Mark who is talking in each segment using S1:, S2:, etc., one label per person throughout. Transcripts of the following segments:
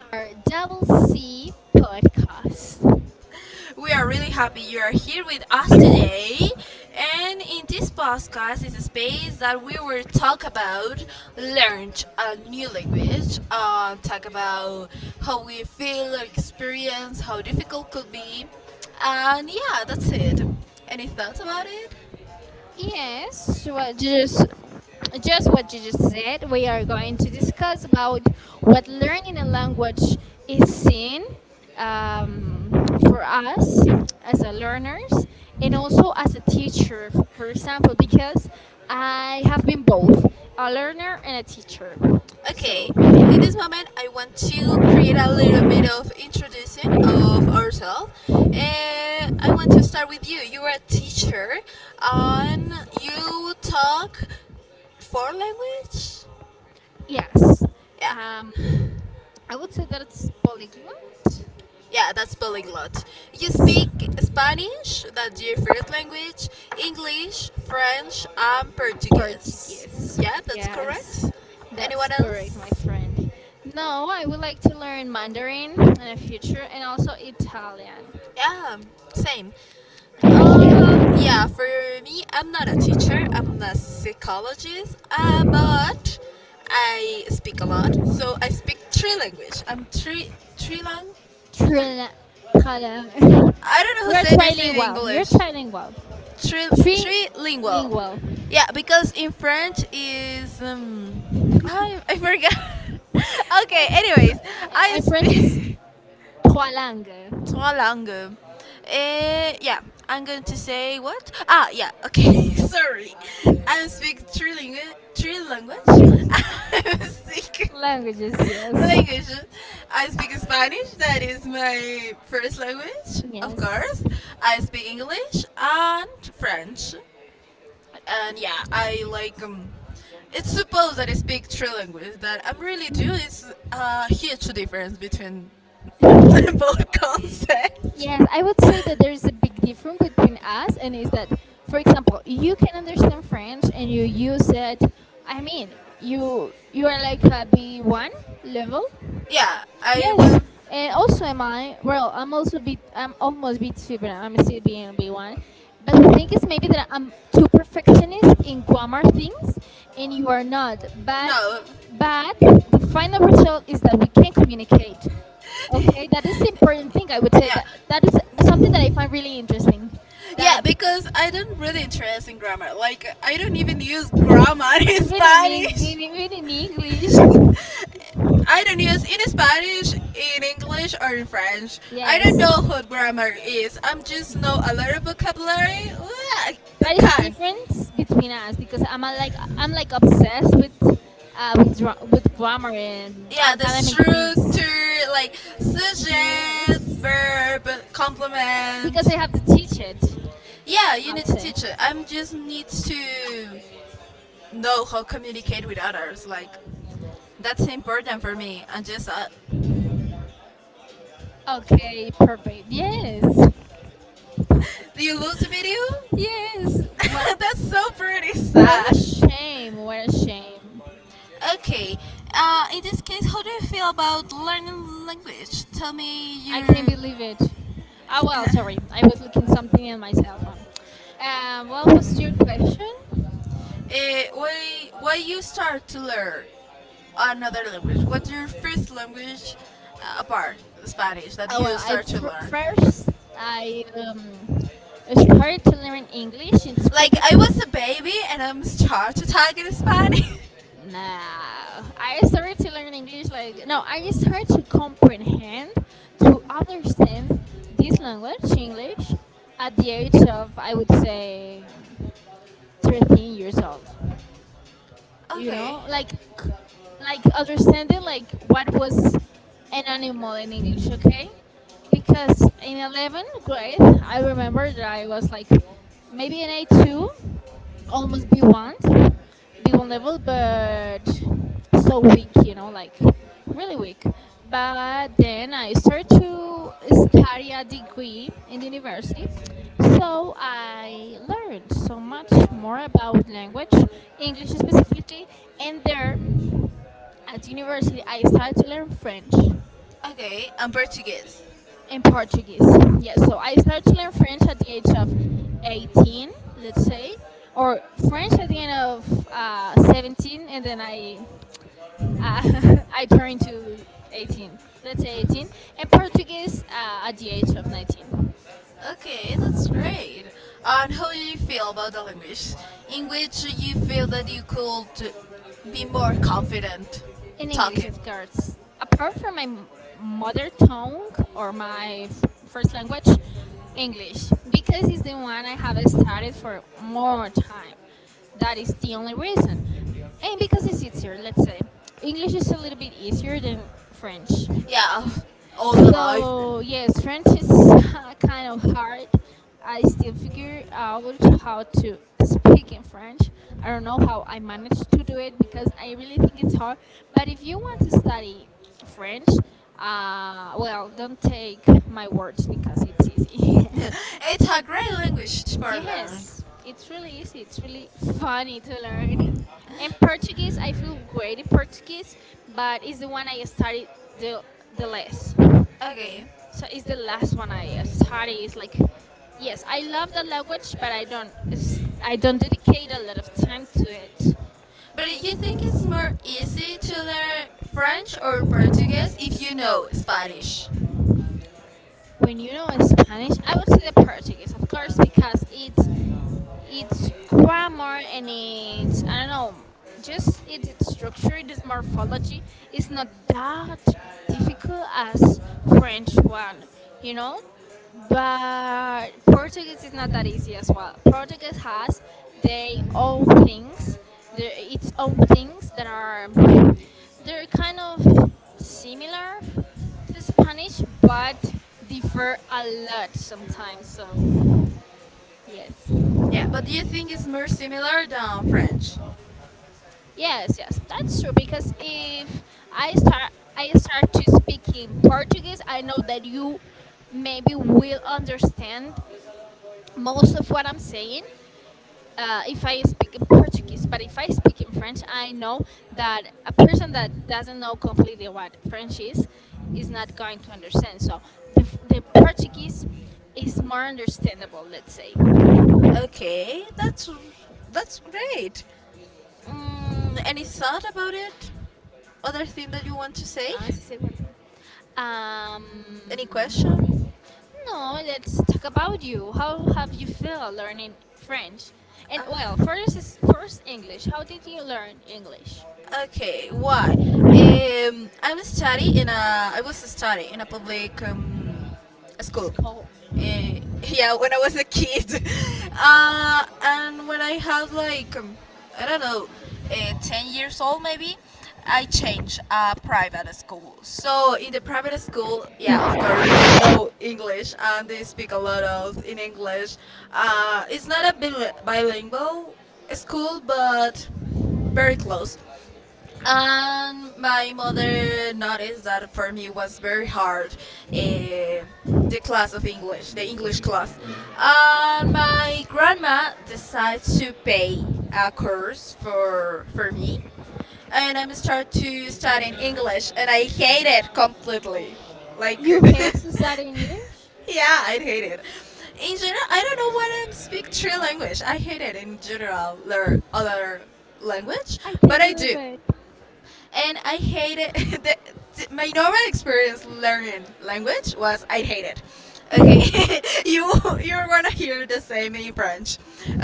S1: Our double C podcast.
S2: We are really happy you are here with us today. And in this podcast is a space that we will talk about learn a new language, talk about how we feel, experience, how difficult could be, and yeah, that's it. Any thoughts about it?
S1: Yes, what you just what you just said. We are going to discuss about what learning a language is seen, um, for us as a learners and also as a teacher, for example, because I have been both a learner and a teacher. So
S2: Okay, in this moment, I want to create a little bit of introduction of ourselves. Eh, to start with you. You are a teacher and you talk four language?
S1: yes,
S2: Yeah.
S1: um, I would say that it's polyglot.
S2: Yeah, that's polyglot. You
S1: Yes.
S2: speak Spanish, that's your first language, English, French, and Portuguese.
S1: Portuguese.
S2: Yeah, that's
S1: Yes,
S2: correct.
S1: that's
S2: Anyone
S1: correct,
S2: else?
S1: my friend. No, I would like to learn Mandarin in the future and also Italian.
S2: Yeah, same. Yeah, for me, I'm not a teacher, I'm a psychologist, but I speak a lot. So I speak three language. I'm three lang.
S1: Trila, trila.
S2: I don't know
S1: You're
S2: who say this in
S1: trilingual. You're
S2: English.
S1: trilingual.
S2: Three lingual.
S1: Trilingual.
S2: Yeah, because in French is I forgot. Okay, anyways, I
S1: In French is
S2: speak.
S1: trois langues.
S2: Tolangum. Yeah, I'm going to say what? Yeah, okay, sorry. I speak three, three language. I speak
S1: Languages, yes.
S2: language. I speak Spanish, that is my first language, of
S1: Yes.
S2: course. I speak English and French. And yeah, I like it's supposed that I speak three languages. That I'm really do is a huge difference between both concepts.
S1: Yes, I would say that there is a big difference between us, and is that, for example, you can understand French and you use it. I mean, you are like a B1 level.
S2: Yeah, I.
S1: Yes, and also am I. Well, I'm also B. I'm almost B2, but I'm still being B1. But the thing is, maybe that I'm too perfectionist in grammar things, and you are not. But
S2: No.
S1: but the final result is that we can communicate. Okay, that is the important thing. I would say
S2: Yeah.
S1: that that is something that I find really interesting.
S2: Yeah,
S1: That,
S2: because I don't really interest in grammar. Like I don't even use grammar in Spanish.
S1: even in English.
S2: I don't use in Spanish, in English, or in French. I
S1: Yes.
S2: don't know what grammar is. I'm just know a lot of vocabulary. Yeah, I
S1: That is the
S2: I
S1: difference between us because I'm like I'm like
S2: can.
S1: obsessed with grammar and
S2: Yeah, the
S1: academic things.
S2: structure, like sujet,
S1: Yes.
S2: verb, complement.
S1: Because I have to teach it,
S2: Yeah, you need
S1: I'd
S2: to
S1: say.
S2: teach it. I'm just need to know how communicate with others. Like that's important for me. And just that.
S1: Okay, perfect. Yes.
S2: Do you lose the video?
S1: Yes. What
S2: That's so pretty
S1: what
S2: sad.
S1: a shame. What a shame.
S2: Okay. In this case, how do you feel about learning language? Tell me
S1: I can't
S2: your
S1: believe it. Well, sorry. I was looking something in my cell phone. What was your question?
S2: why you start to learn. Another language? What's your first language, apart Spanish that you
S1: Well, I
S2: start to learn?
S1: first I started to learn English in the school
S2: Like I
S1: because,
S2: was a baby and I'm start to talk in Spanish.
S1: nah, I started to learn English, like, no, I started to comprehend, to understand this language English at the age of, I would say, 13 years old. you
S2: Okay.
S1: know like c- like understanding like what was an animal in English. Okay, because in 11th grade, I remember that I was like maybe an A2, almost B1 level, but so weak, you know, like really weak. But then I started to study a degree in the university. So I learned so much more about language, English specifically, and there at university I started to learn French
S2: Okay, I'm Portuguese.
S1: and Portuguese. Yes. So I started to learn French at the age of 18, let's say, or French at the end of 17, and then I I turned to 18, let's say 18, and Portuguese at the age of 19.
S2: Okay, that's great. And how do you feel about the language? In which you feel that you could be more confident
S1: In English,
S2: talking?
S1: of course. Apart from my mother tongue or my first language, English, because it's the one I have studied for more time. That is the only reason. And because it's easier, let's say. English is a little bit easier than French.
S2: Yeah, all the life.
S1: So yes, French is kind of hard. I still figure out how to speak in French. I don't know how I managed to do it because I really think it's hard. But if you want to study French, well, don't take my words because it's easy.
S2: It's a great language to learn.
S1: Yes, it's really easy. It's really funny to learn. And Portuguese, I feel great in Portuguese, but it's the one I studied the the less.
S2: Okay,
S1: So it's the last one I study. It's like, yes, I love the language, but I don't dedicate a lot of time to it.
S2: but you think it's more easy to learn French or Portuguese if you know Spanish?
S1: When you know Spanish, I would say the Portuguese, of course, because it's its grammar and its, I don't know, just its structure, its morphology is not that difficult as French one, you know. But Portuguese is not that easy as well. Portuguese has their own things, their its own things that are, they're kind of similar to Spanish, but differ a lot sometimes. So yes.
S2: Yeah. But do you think it's more similar than French?
S1: Yes, yes, that's true. Because if I start, I start to speak in Portuguese, I know that you maybe will understand most of what I'm saying. If I speak in Portuguese, but if I speak in French, I know that a person that doesn't know completely what French is not going to understand. So the Portuguese is more understandable, let's say.
S2: Okay, that's great. Any thought about it? Other thing that you want to say?
S1: Ah, sí, se guarda.
S2: Any question?
S1: Um, No, let's talk about you. How have you felt learning French? And
S2: Uh,
S1: well, first is first English. How did you learn English?
S2: Okay, why? I'm study in a. I was study in a public school.
S1: School.
S2: Yeah, when I was a kid, and when I had like I don't know, 10 years old maybe, I changed a private school. So in the private school, yeah, of course they know English and they speak a lot of in English. It's not a bilingual school, but very close. And my mother noticed that for me was very hard, eh, the class of English, the English class. And my grandma decided to pay a course for me, and I'm start to studying English, and I hate it completely. Like,
S1: You hate study English?
S2: yeah, I hate it. In general, I don't know why I speak three language. I hate it in general, learn other language,
S1: I
S2: but
S1: can't
S2: I
S1: believe
S2: do
S1: it.
S2: and I hated my normal experience learning language was I hate it. Okay, you you're gonna hear the same in French.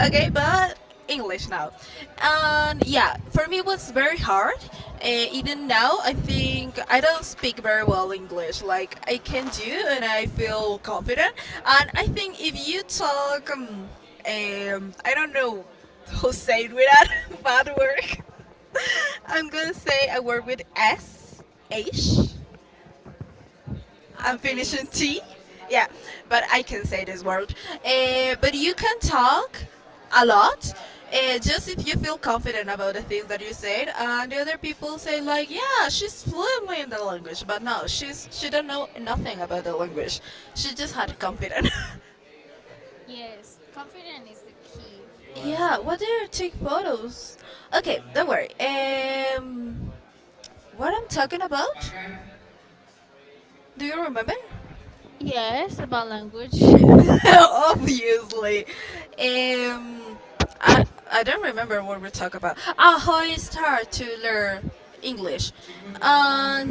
S2: Okay, but English now, and yeah, for me it was very hard. Even now, I think I don't speak very well English. Like I can do, and I feel confident. And I think if you talk, I don't know who said without bad work, I'm gonna say I work with S H. I'm
S1: Okay,
S2: finishing
S1: yes.
S2: T. Yeah, but I can say this word. But you can talk a lot. Just if you feel confident about the things that you said, and the other people say like, "Yeah, she's fluently in the language," but no, she don't know nothing about the language. She just had confidence.
S1: Yes, confidence is the key, let's say.
S2: Yeah, what do you take photos? Okay, don't worry. Um, what I'm talking about? Do you remember?
S1: Yes, about language.
S2: Obviously. Um, I I don't remember what we talk about. How I start to learn English.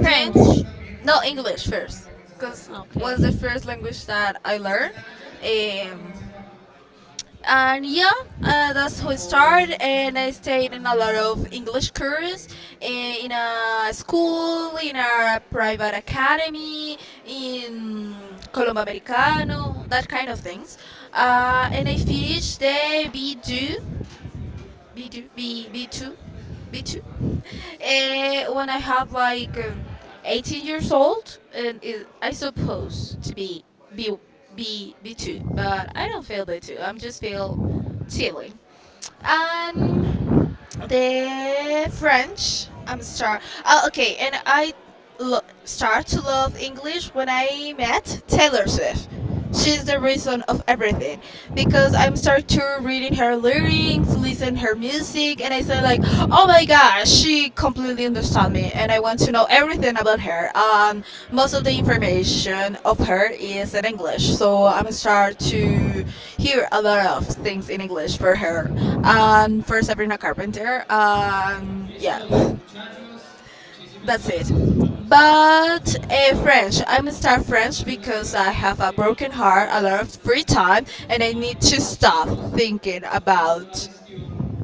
S1: French.
S2: then, no, English first, because
S1: Okay.
S2: was the first language that I learned. Um, and yeah, that's how it started. And I stayed in a lot of English courses, in a school, in a private academy, in Colombo Americano, that kind of things. And I finished the B2 B2, B, B2, B2. When I have like 18 years old, and it, I suppose to be B, B, B2, but I don't feel B2. I'm just feel chilling. And the French. I'm start. Okay, and I start to love English when I met Taylor Swift. She's the reason of everything because I'm start to reading her lyrics, listen her music, and I say like, oh my yeah, she completely understood me, and I want to know everything about her. Most of the information of her is in English, so I'm start to hear a lot of things in English for her. For Sabrina Carpenter, yeah, that's it. But French, I'm start French because I have a broken heart, a lot of free time, and I need to stop thinking about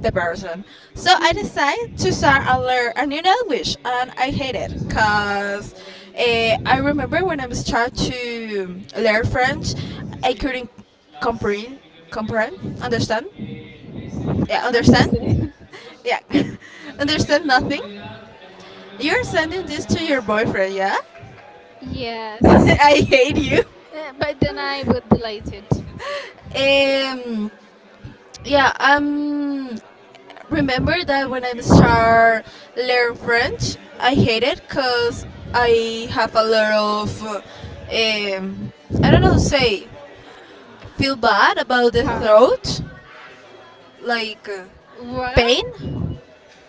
S2: the person. So I decided to start a learn a new language, and I hate it because I remember when I was trying to learn French, I couldn't comprehend, comprehend, understand, yeah, understand,
S1: Understand?
S2: yeah, understand nothing. You're sending this to your boyfriend, yeah?
S1: Yes.
S2: I hate you.
S1: But then I would delete it.
S2: Um, yeah, remember that when I start learn French, I hate it because I have a lot of, I don't know, say, feel bad about the
S1: Hard.
S2: throat, like
S1: What?
S2: pain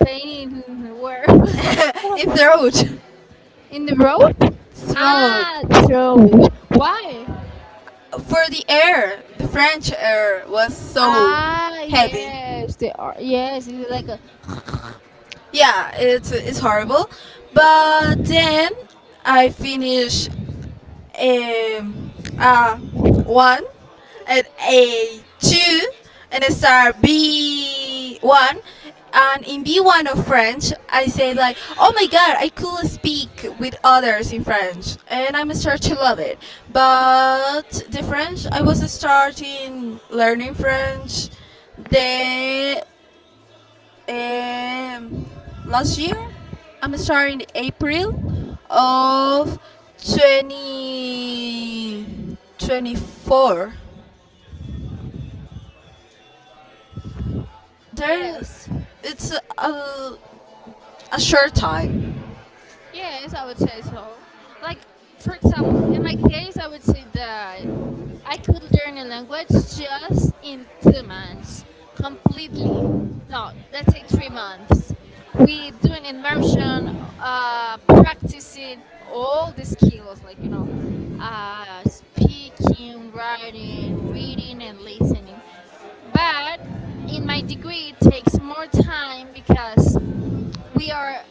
S1: Painted in where?
S2: in throat,
S1: In the road?
S2: throat.
S1: Ah, Shows. Why?
S2: For the air, the French air was so heavy.
S1: Yes. They are. Yes, it's like a.
S2: Yeah, it's horrible. But then I finished um, uh, one, and a two, and I start B1. And in B1 of French, I say like, oh my god, I could speak with others in French, and I'm start to love it. But the French, I was starting learning French. The um, last year. I'm sorry, in April of 2024. There,
S1: Yes.
S2: it's a short time.
S1: Yes, I would say so. Like, for example, in my case, I would say that I could learn a language just in 2 months, completely. No, let's say 3 months. We do an immersion, practicing all the skills, like, speaking, writing, reading, and listening. But in my degree, it takes more time because we are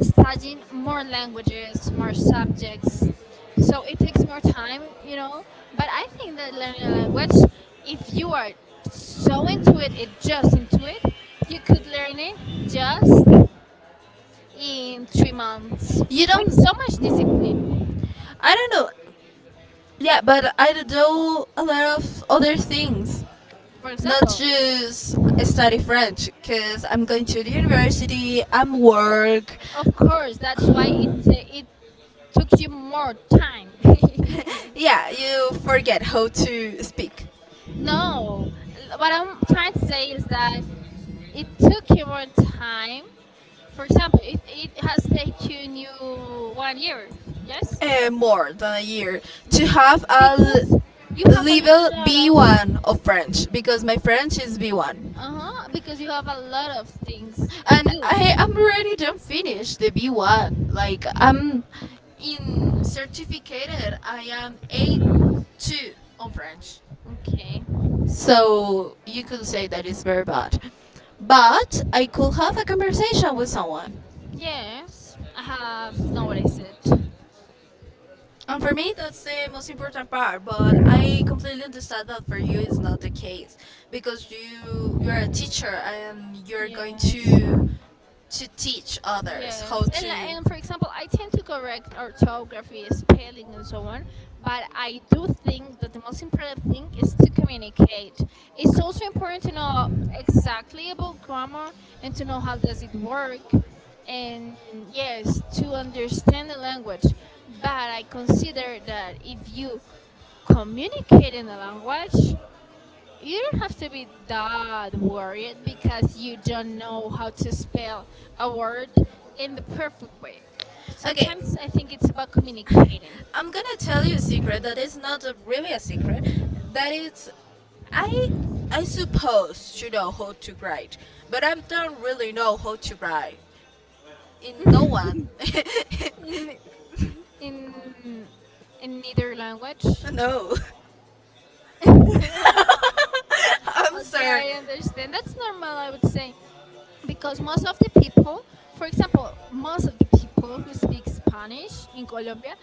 S1: studying more languages, more subjects. So it takes more time, you know. But I think that learning a language, if you are so into it, it just into it, you could learn it just in 3 months
S2: You
S1: with
S2: don't,
S1: so much discipline.
S2: I don't know. Yeah, but I do a lot of other things,
S1: For
S2: not
S1: example,
S2: just study French, because I'm going to the university, I'm work.
S1: of course, that's why it took you more time.
S2: Yeah, you forget how to speak.
S1: No, what I'm trying to say is that it took you more time. For example, it has taken you 1 year, yes.
S2: More than a year
S1: Be-
S2: to have a
S1: because you have a
S2: level
S1: lot of
S2: B1 of French because my French is B1
S1: things to
S2: and I am
S1: do.
S2: already done finish the B1 like I'm in certificated. I am A2 on French,
S1: Okay.
S2: so you could say that is very bad, but I could have a conversation with someone.
S1: Yes, I have noticed it.
S2: For me, that's the most important part, but I completely understand that for you it's not the case because you're a teacher and you're going
S1: Yes.
S2: to teach others
S1: Yes,
S2: how
S1: and
S2: to.
S1: li- and for example, I tend to correct orthography, spelling, and so on. But I do think that the most important thing is to communicate. It's also important to know exactly about grammar and to know how does it work, and yes, to understand the language. But I consider that if you communicate in the language, you don't have to be that worried because you don't know how to spell a word in the perfect way.
S2: Okay,
S1: Sometimes I think it's about communicating
S2: I'm gonna tell you a secret that is not really a secret. That is, I I suppose to know how to write, but I don't really know how to write. In no one,
S1: in in in neither language.
S2: no. I'm
S1: Okay,
S2: sorry.
S1: I understand. That's normal, I would say, because most of the people, for example, most of the people who speak Spanish in Colombia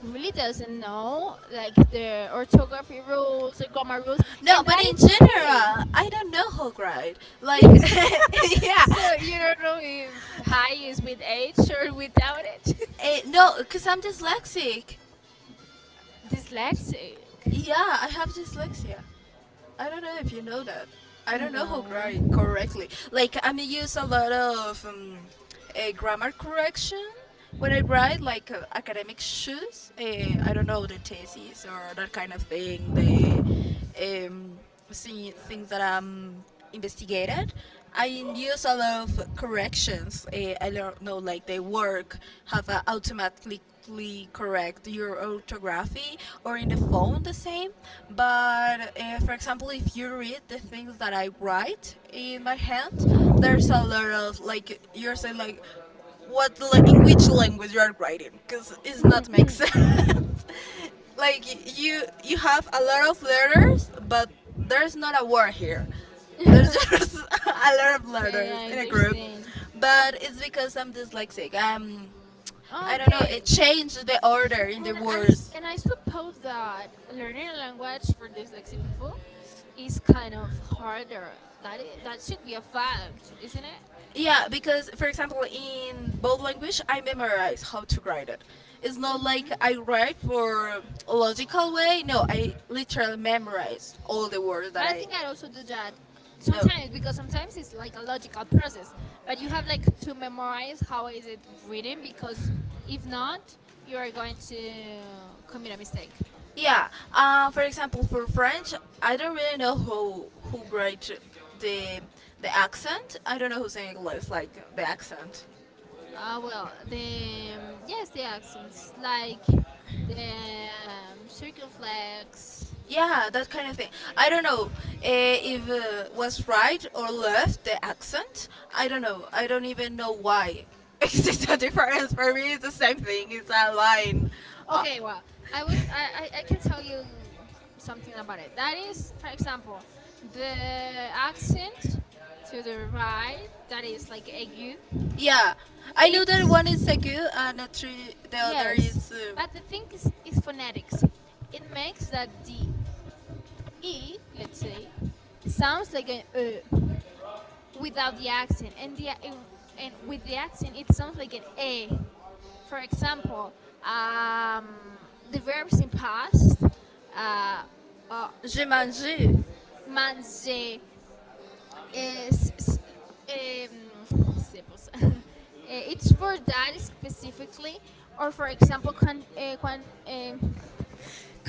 S1: really doesn't know like the orthography rules, the grammar rules,
S2: No,
S1: and
S2: but
S1: that
S2: in
S1: it's okay.
S2: general, I don't know how great.
S1: So
S2: Like, yeah.
S1: you don't know if high is with H or without it.
S2: No, because I'm dyslexic.
S1: Dyslexic.
S2: Yeah, I have dyslexia. I don't know if you know that. I don't know how great
S1: No.
S2: correctly. Like, I may use a lot of grammar correction when I write, like academic shoes. I don't know the thesis or that kind of thing. The um, see things that I'm investigated. I use a lot of corrections. I not know like they work, have a automatically correct your orthography, or in the phone the same. But for example, if you read the things that I write in my hand, there's a lot of, like you're saying, like what in which language you are writing because it's not make sense. Like you have a lot of letters but there's not a word here, there's
S1: Okay,
S2: just a lot of letters
S1: I
S2: in a group,
S1: understand.
S2: but it's because I'm dyslexic. I don't know, it
S1: Okay,
S2: changed the order in the
S1: and I s-
S2: words.
S1: and I suppose that learning a language for dyslexic people is kind of harder. That should be a fact, isn't it?
S2: Yeah, because for example, in both language, I memorize how to write it. It's not like I write for a logical way. No, I literally memorize all the words that
S1: But I
S2: I.
S1: think I also do that
S2: No.
S1: sometimes because sometimes it's like a logical process. But you have like to memorize how is it written because if not, you are going to commit a mistake.
S2: Yeah. For example, for French, I don't really know who writes the the accent. I don't know who's in English like the accent.
S1: Well, the, yes, the accents like the, circumflex.
S2: Yeah, that kind of thing. I don't know if was right or left the accent. I don't know. I don't even know why. It's just a difference for me. It's the same thing. It's a line. Uh,
S1: Okay, well, I would I can tell you something about it. That is, for example, the accent to the right that is like ague.
S2: Yeah, I know that one is
S1: It's
S2: Segu and a tree, the other,
S1: Yes,
S2: yes, is
S1: but the thing is phonetics. It makes that the e, let's say, sounds like an ö without the accent, and the and with the accent it sounds like an a. For example, um, the verbs in past, uh, uh,
S2: J'ai mangé. You.
S1: manze. Eh, s- s- em, sepals. It's for that specifically, or for example, can.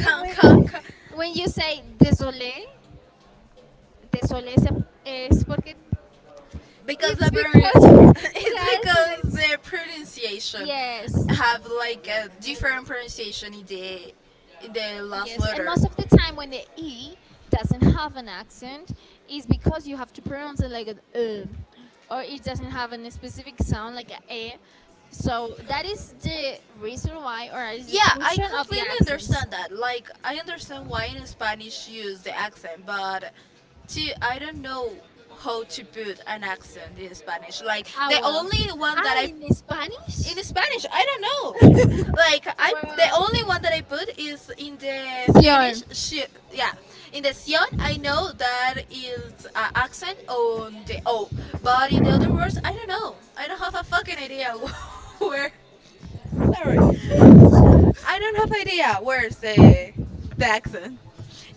S2: when
S1: when,
S2: can.
S1: when you say désolé, se- es porque,
S2: Because it's the
S1: it's
S2: good because
S1: because
S2: it's
S1: it
S2: question.
S1: has an
S2: Because the pronunciation
S1: yes.
S2: have like a different pronunciation in the last
S1: Yes, and
S2: letter.
S1: most of the time when the E
S2: We
S1: doesn't have an accent, is because you have to pronounce it like an E, or it doesn't have a specific sound like a E. So that is the reason why, or is the
S2: Yeah, I
S1: function of the
S2: completely
S1: accents.
S2: understand that. Like, I understand why in Spanish you use the accent, but to I don't know how to put an accent in Spanish. Like, the
S1: Well.
S2: only one that I,
S1: In Spanish?
S2: in Spanish, I don't know. Like, I the
S1: Well.
S2: only one that I put is in the
S1: Sure.
S2: ci- yeah, in the Sion. I know that is accent on the O, but in the other words, I don't know. I don't have a fucking idea where. Sorry. I don't have idea where's the accent.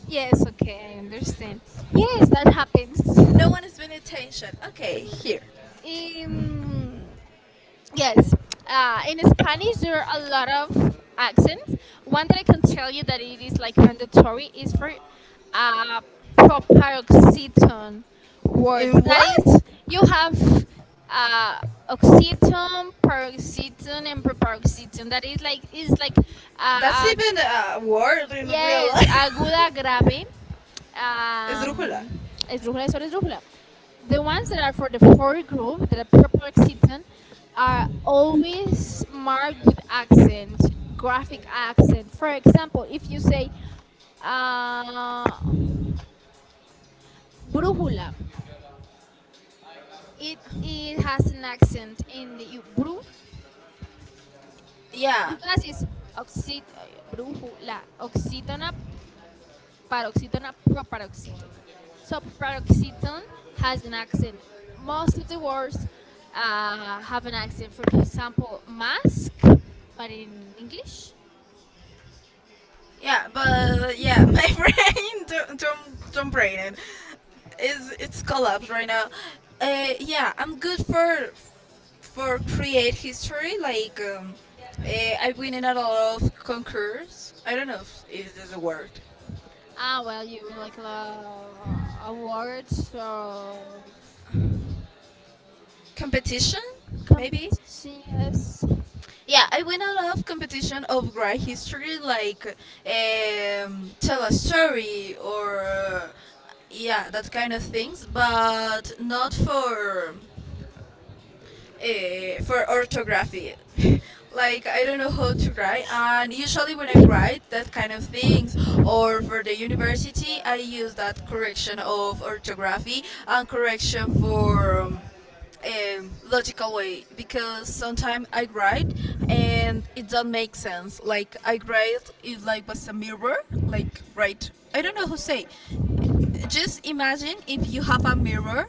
S1: Yes, okay, I understand. Yes, that happens.
S2: No one is paying attention. Okay, here.
S1: Um, Yes. In Spanish, there are a lot of accents. One that I can tell you that it is like mandatory is for uh, proparoxetone words.
S2: In
S1: That
S2: what?
S1: is, you have uh, oxytone, paroxetone, and proparoxetone. That is like
S2: That's
S1: a.
S2: even a word in real
S1: Yes,
S2: life.
S1: aguda, grave,
S2: Es drújula.
S1: um, esdrújula, sol, esdrújula. The ones that are for the fourth group, that are purple excitant, are always marked with accent, graphic accent. For example, if you say uh, brújula, it has an accent in the bru
S2: Yeah.
S1: because it's oxit, brújula, oxítona paroxetone and proparoxetone. So paroxetone has an accent. Most of the words have an accent. For example, mask, but in English.
S2: Yeah, but yeah, my brain don't brain it. It's collapsed right now. Yeah, I'm good for create history like I've been in a lot of concours. I don't know if is this a word,
S1: Well, you mean like a word of
S2: competition, maybe.
S1: competition. Yes.
S2: Yeah, I win a lot of competition of great history, like tell a story, or yeah, that kind of things, but not for orthography. Like, I don't know how to write, and usually when I write that kind of things, or for the university, I use that correction of orthography and correction for logical way, because sometimes I write and it doesn't make sense. Like, I write it like was a mirror, like right. I don't know how to say, just imagine if you have a mirror,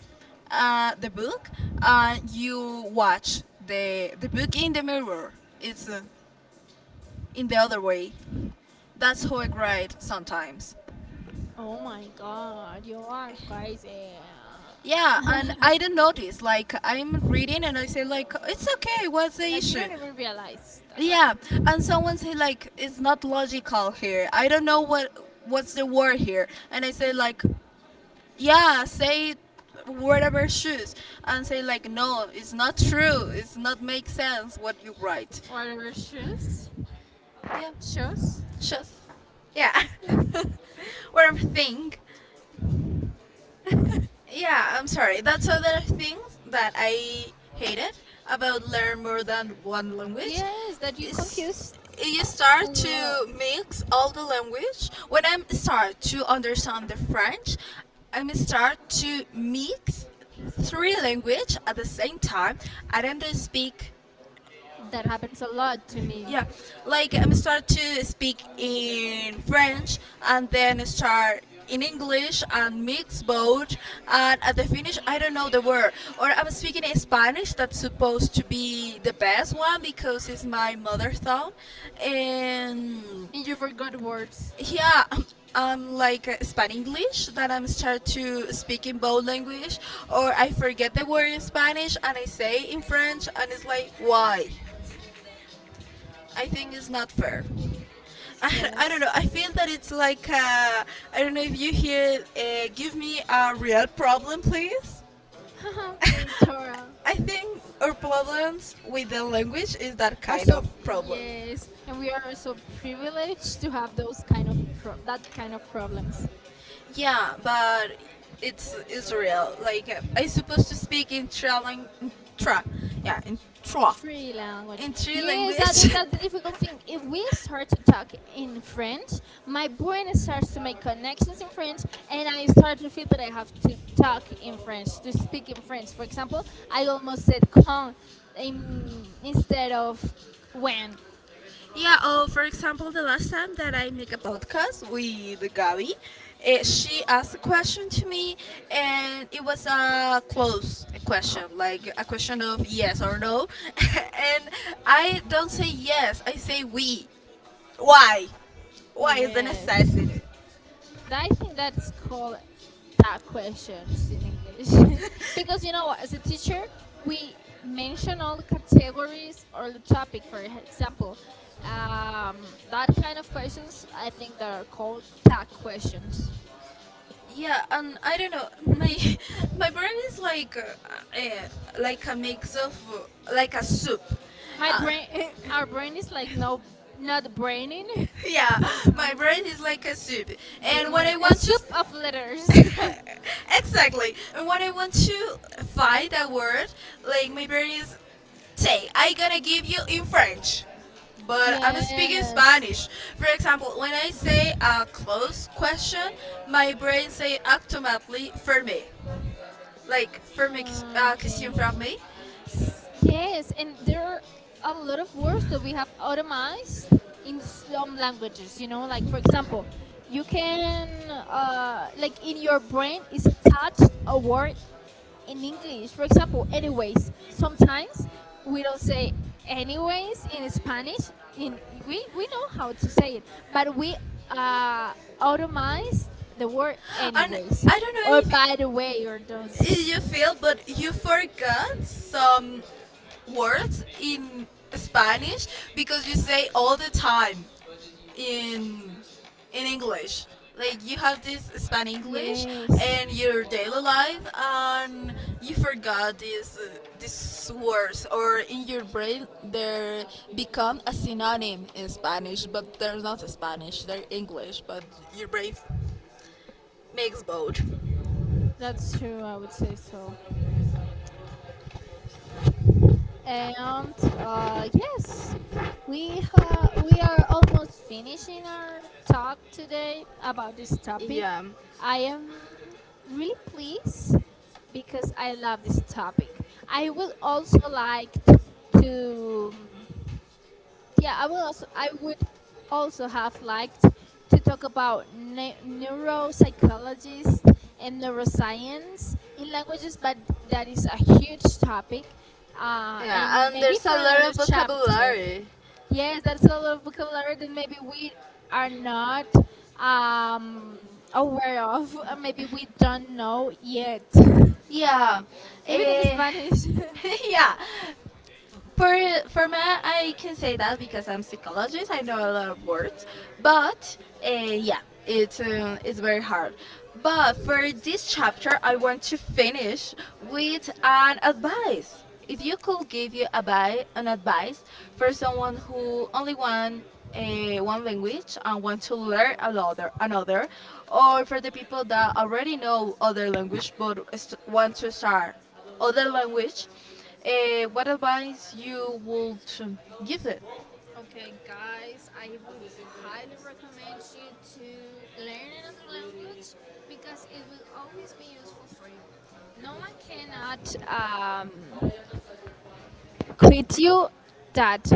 S2: the book, and you watch the book in the mirror. It's in the other way. That's how I write sometimes.
S1: Oh my God, you are crazy.
S2: Yeah, and I don't notice. Like, I'm reading and I say like it's okay. What's the
S1: Like you
S2: issue?
S1: don't even realize that.
S2: Yeah, and someone say like it's not logical here. I don't know what's the word here, and I say like yeah, say whatever shoes, and say like no, it's not true, it's not make sense what you write.
S1: Whatever shoes,
S2: Yeah.
S1: shoes.
S2: Shoes. Yeah. Whatever thing. Yeah, I'm sorry. That's other thing that I hated about learn more than one language.
S1: Yes, that you
S2: Is
S1: confused.
S2: You
S1: A
S2: start
S1: lot.
S2: to mix all the language. When I start to understand the French, I'm start to mix three language at the same time. I don't speak,
S1: That happens a lot to me.
S2: yeah, like, I'm start to speak in French and then start in English and mix both, and at the finish I don't know the word, or I'm speaking in Spanish that's supposed to be the best one because it's my mother tongue. And
S1: And you forgot words.
S2: yeah, I'm like span English, that I'm start to speak in both language, or I forget the word in Spanish and I say in French, and it's like why? I think it's not fair. I don't
S1: Yes.
S2: know. I feel that it's like I don't know if you hear. Give me a real problem, please.
S1: Okay, Torah.
S2: I think our problems with the language is that
S1: Are
S2: kind
S1: so,
S2: of problem.
S1: yes, and we are so privileged to have those kind of that kind of problems.
S2: Yeah, but it's real. Like I supposed to speak in tra, lang- in tra yeah, in tra,
S1: Three language.
S2: in three
S1: Yes,
S2: language.
S1: that's the difficult thing. If we start to talk in French, my brain starts to make connections in French, and I start to feel that I have to talk in French, to speak in French. For example, I almost said "quand" instead of "when."
S2: Yeah, oh, for example, the last time that I make a podcast with Gabby, she asked a question to me, and it was a close question, like a question of yes or no. And I don't say yes, I say we. Why? Why is the
S1: Yes.
S2: necessity?
S1: I think that's called that questions in English. Because you know what, as a teacher, we mention all the categories or the topic, for example. That kind of questions, I think they are called that questions.
S2: Yeah, and I don't know. My my brain is uh, like a mix of like a soup.
S1: My
S2: Uh,
S1: brain, our brain is like no, not braining
S2: yeah, my
S1: sometimes.
S2: brain is like a soup. And when
S1: Yeah,
S2: I
S1: a
S2: want to
S1: soup of letters.
S2: exactly. And when I want to find a word, like, my brain is, say, I gonna give you in French. But I'm speaking
S1: Yes.
S2: Spanish. For example, when I say a close question, my brain say automatically fermé. Like, fermé,
S1: Okay.
S2: question fermée.
S1: Yes, and there are a lot of words that we have automized in some languages. Like, for example, you can like in your brain is attached a word in English. For example, anyways. Sometimes we don't say anyways in Spanish. In we know how to say it, but we uh, automized the word
S2: And
S1: anyways
S2: I don't
S1: or
S2: know if
S1: by the way or those.
S2: if you feel, but you forgot some words in Spanish because you say all the time, in in English. Like, you have this span English,
S1: Yes.
S2: and your daily life, and you forgot these words, or in your brain they become a synonym in Spanish, but they're not Spanish. They're English, but your brain makes both.
S1: That's true. I would say so. And yes, we we are almost finishing our talk today about this topic.
S2: Yeah.
S1: I am really pleased because I love this topic. I would also like to, yeah, I will also, I would also have liked to talk about neuropsychologists and neuroscience in languages, but that is a huge topic,
S2: Yeah,
S1: and
S2: and
S1: maybe
S2: there's
S1: for
S2: a lot
S1: another
S2: of
S1: chapter.
S2: vocabulary.
S1: Yes, that's a lot of vocabulary that maybe we are not um, aware of, maybe we don't know yet.
S2: Yeah,
S1: Even in
S2: eh,
S1: Spanish.
S2: yeah. For math, I can say that, because I'm psychologist, I know a lot of words, but yeah, it's very hard. But for this chapter, I want to finish with an advice. If you could give you an advice, for someone who only want one language and want to learn another, or for the people that already know other language but want to start other language, what advice you would give them?
S1: Okay, guys, I would highly recommend you to learn another language because it will always be useful for you. No one cannot quit you that.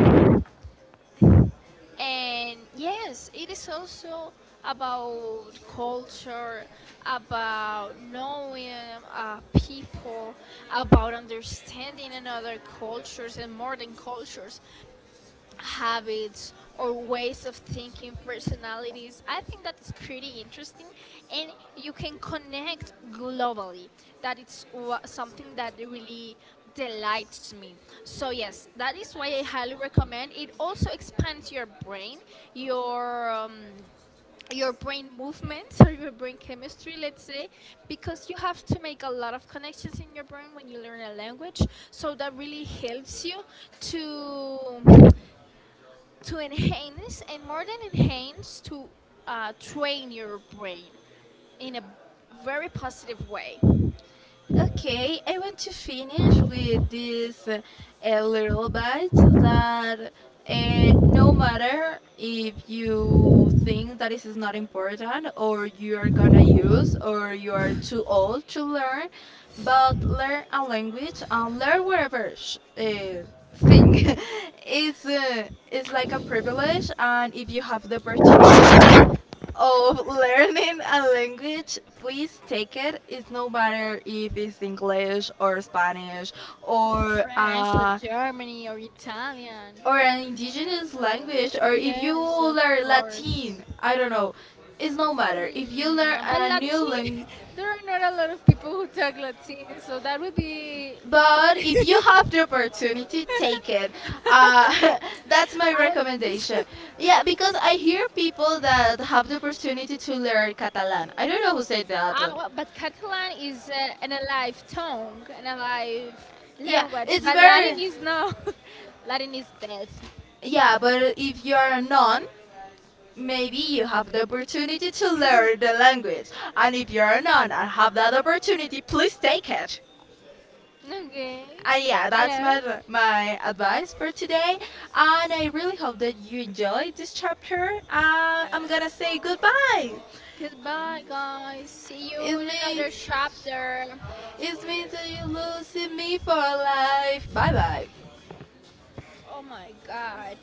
S1: And yes, it is also about culture, about knowing uh, people, about understanding another cultures and more than cultures. Habits or ways of thinking, personalities. I think that's pretty interesting, and you can connect globally. That it's something that really delights me. So yes, that is why I highly recommend. It also expands your brain, your um, your brain movements or your brain chemistry, let's say, because you have to make a lot of connections in your brain when you learn a language. So that really helps you to to enhance and more than enhance to train your brain in a very positive way.
S2: Okay, I want to finish with this little bite, that no matter if you think that this is not important or you are gonna use or you are too old to learn, but learn a language and learn whatever thing. it's uh, it's like a privilege, and if you have the of learning a language, please take it. It's no matter if it's English or Spanish, or
S1: French or
S2: uh,
S1: Germany or Italian.
S2: or an indigenous language, or if you
S1: Yes, of
S2: learn
S1: course.
S2: Latin. I don't know. It's no matter if you learn
S1: But
S2: a new
S1: Latin,
S2: language.
S1: there are not a lot of people who talk Latin so that would be,
S2: But if you have the opportunity, take it. Uh, that's my
S1: I don't think so.
S2: recommendation. Yeah, because I hear people that have the opportunity to learn Catalan. I don't know who said that.
S1: Well, but Catalan is an alive tongue, an alive
S2: Yeah,
S1: language,
S2: it's
S1: but
S2: very.
S1: Latin is no. Latin is death.
S2: Yeah, but if you are a non, maybe you have the opportunity to learn the language. And if you're a non and have that opportunity, please take it.
S1: Okay.
S2: And yeah, that's
S1: Yeah.
S2: my advice for today. And I really hope that you enjoyed this chapter. I'm gonna say goodbye.
S1: Goodbye, guys. See you
S2: It's
S1: in
S2: me.
S1: another chapter.
S2: It's me that you losing me for life. Bye bye.
S1: Oh my God.